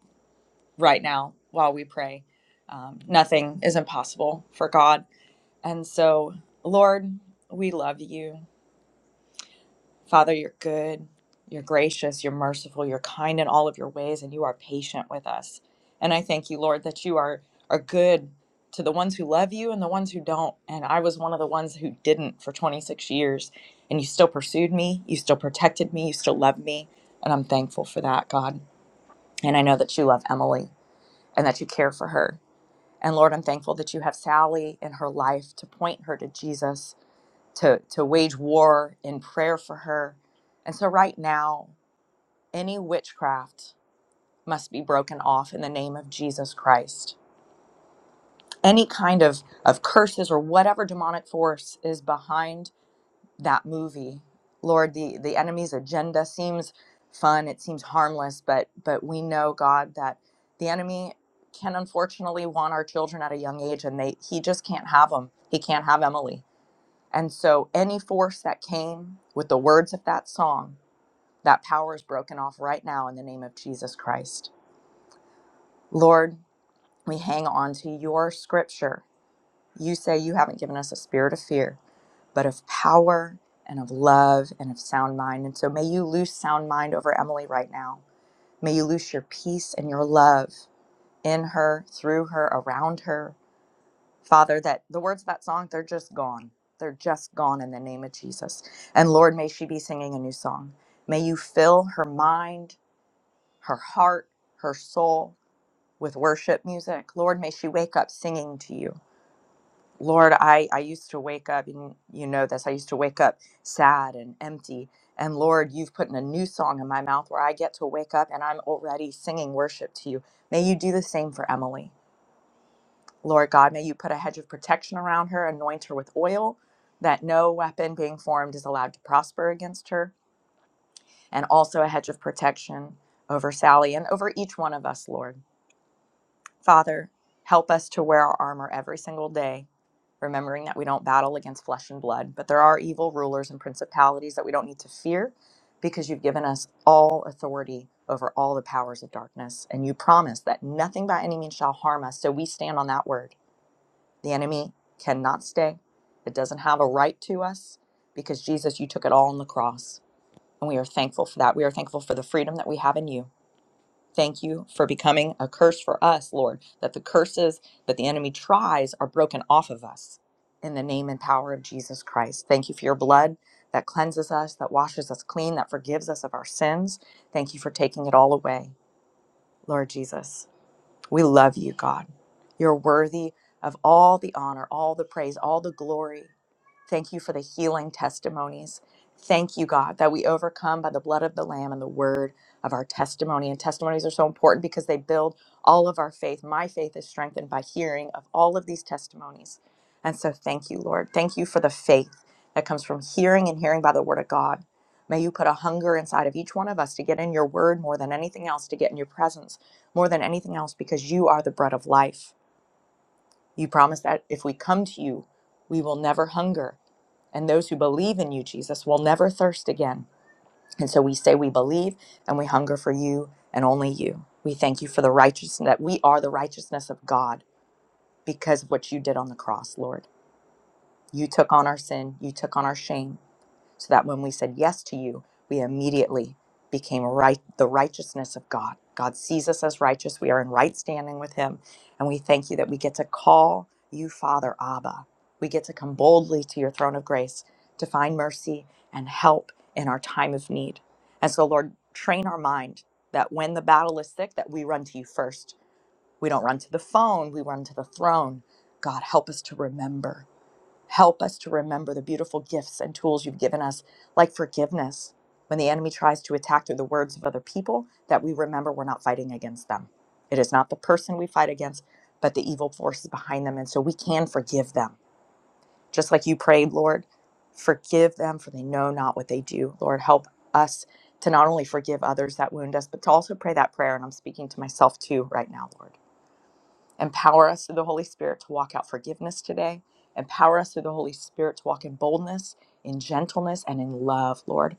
S4: right now while we pray. Um, nothing is impossible for God, and so Lord, we love you. Father, you're good, you're gracious, you're merciful, you're kind in all of your ways, and you are patient with us. And I thank you, Lord, that you are, are good to the ones who love you and the ones who don't. And I was one of the ones who didn't for 26 years. And you still pursued me, you still protected me, you still loved me. And I'm thankful for that, God. And I know that you love Emily and that you care for her. And Lord, I'm thankful that you have Sally in her life to point her to Jesus to to wage war in prayer for her. And so right now, any witchcraft must be broken off in the name of Jesus Christ. Any kind of of curses or whatever demonic force is behind that movie. Lord, the the enemy's agenda seems fun, it seems harmless, but but we know God that the enemy can unfortunately want our children at a young age and they he just can't have them. He can't have Emily And so, any force that came with the words of that song, that power is broken off right now in the name of Jesus Christ. Lord, we hang on to your scripture. You say you haven't given us a spirit of fear, but of power and of love and of sound mind. And so, may you loose sound mind over Emily right now. May you loose your peace and your love in her, through her, around her. Father, that the words of that song, they're just gone. They're just gone in the name of Jesus. And Lord, may she be singing a new song. May you fill her mind, her heart, her soul with worship music. Lord, may she wake up singing to you. Lord, I, I used to wake up, and you know this, I used to wake up sad and empty. And Lord, you've put in a new song in my mouth where I get to wake up and I'm already singing worship to you. May you do the same for Emily. Lord God, may you put a hedge of protection around her, anoint her with oil, that no weapon being formed is allowed to prosper against her, and also a hedge of protection over Sally and over each one of us, Lord. Father, help us to wear our armor every single day, remembering that we don't battle against flesh and blood, but there are evil rulers and principalities that we don't need to fear because you've given us all authority over all the powers of darkness. And you promise that nothing by any means shall harm us. So we stand on that word the enemy cannot stay. It doesn't have a right to us because Jesus, you took it all on the cross. And we are thankful for that. We are thankful for the freedom that we have in you. Thank you for becoming a curse for us, Lord, that the curses that the enemy tries are broken off of us in the name and power of Jesus Christ. Thank you for your blood that cleanses us, that washes us clean, that forgives us of our sins. Thank you for taking it all away, Lord Jesus. We love you, God. You're worthy of all the honor, all the praise, all the glory. Thank you for the healing testimonies. Thank you, God, that we overcome by the blood of the Lamb and the word of our testimony. And testimonies are so important because they build all of our faith. My faith is strengthened by hearing of all of these testimonies. And so thank you, Lord. Thank you for the faith that comes from hearing and hearing by the word of God. May you put a hunger inside of each one of us to get in your word more than anything else, to get in your presence more than anything else, because you are the bread of life. You promise that if we come to you, we will never hunger and those who believe in you, Jesus, will never thirst again. And so we say we believe and we hunger for you and only you. We thank you for the righteousness that we are the righteousness of God because of what you did on the cross, Lord. You took on our sin, you took on our shame, so that when we said yes to you, we immediately became right the righteousness of God. God sees us as righteous. We are in right standing with him, and we thank you that we get to call you Father Abba. We get to come boldly to your throne of grace to find mercy and help in our time of need. And so Lord, train our mind that when the battle is thick that we run to you first. We don't run to the phone, we run to the throne. God, help us to remember. Help us to remember the beautiful gifts and tools you've given us, like forgiveness. When the enemy tries to attack through the words of other people, that we remember we're not fighting against them. It is not the person we fight against, but the evil forces behind them. And so we can forgive them. Just like you prayed, Lord, forgive them for they know not what they do. Lord, help us to not only forgive others that wound us, but to also pray that prayer. And I'm speaking to myself too right now, Lord. Empower us through the Holy Spirit to walk out forgiveness today. Empower us through the Holy Spirit to walk in boldness, in gentleness, and in love, Lord.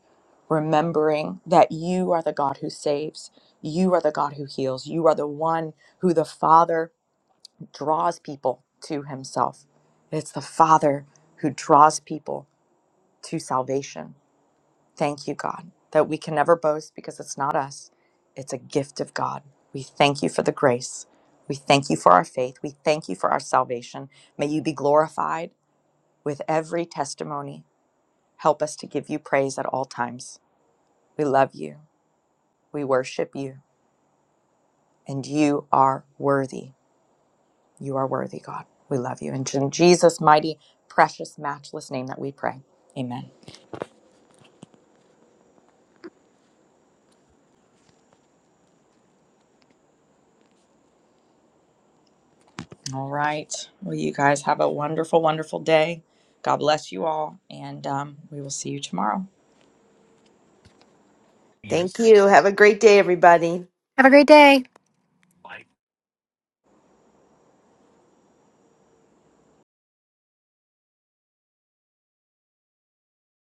S4: Remembering that you are the God who saves, you are the God who heals, you are the one who the Father draws people to Himself. It's the Father who draws people to salvation. Thank you, God, that we can never boast because it's not us, it's a gift of God. We thank you for the grace. We thank you for our faith. We thank you for our salvation. May you be glorified with every testimony. Help us to give you praise at all times. We love you. We worship you. And you are worthy. You are worthy, God. We love you. And in Jesus' mighty, precious, matchless name that we pray. Amen. All right. Well, you guys have a wonderful, wonderful day. God bless you all, and um, we will see you tomorrow.
S5: thank you have a great day everybody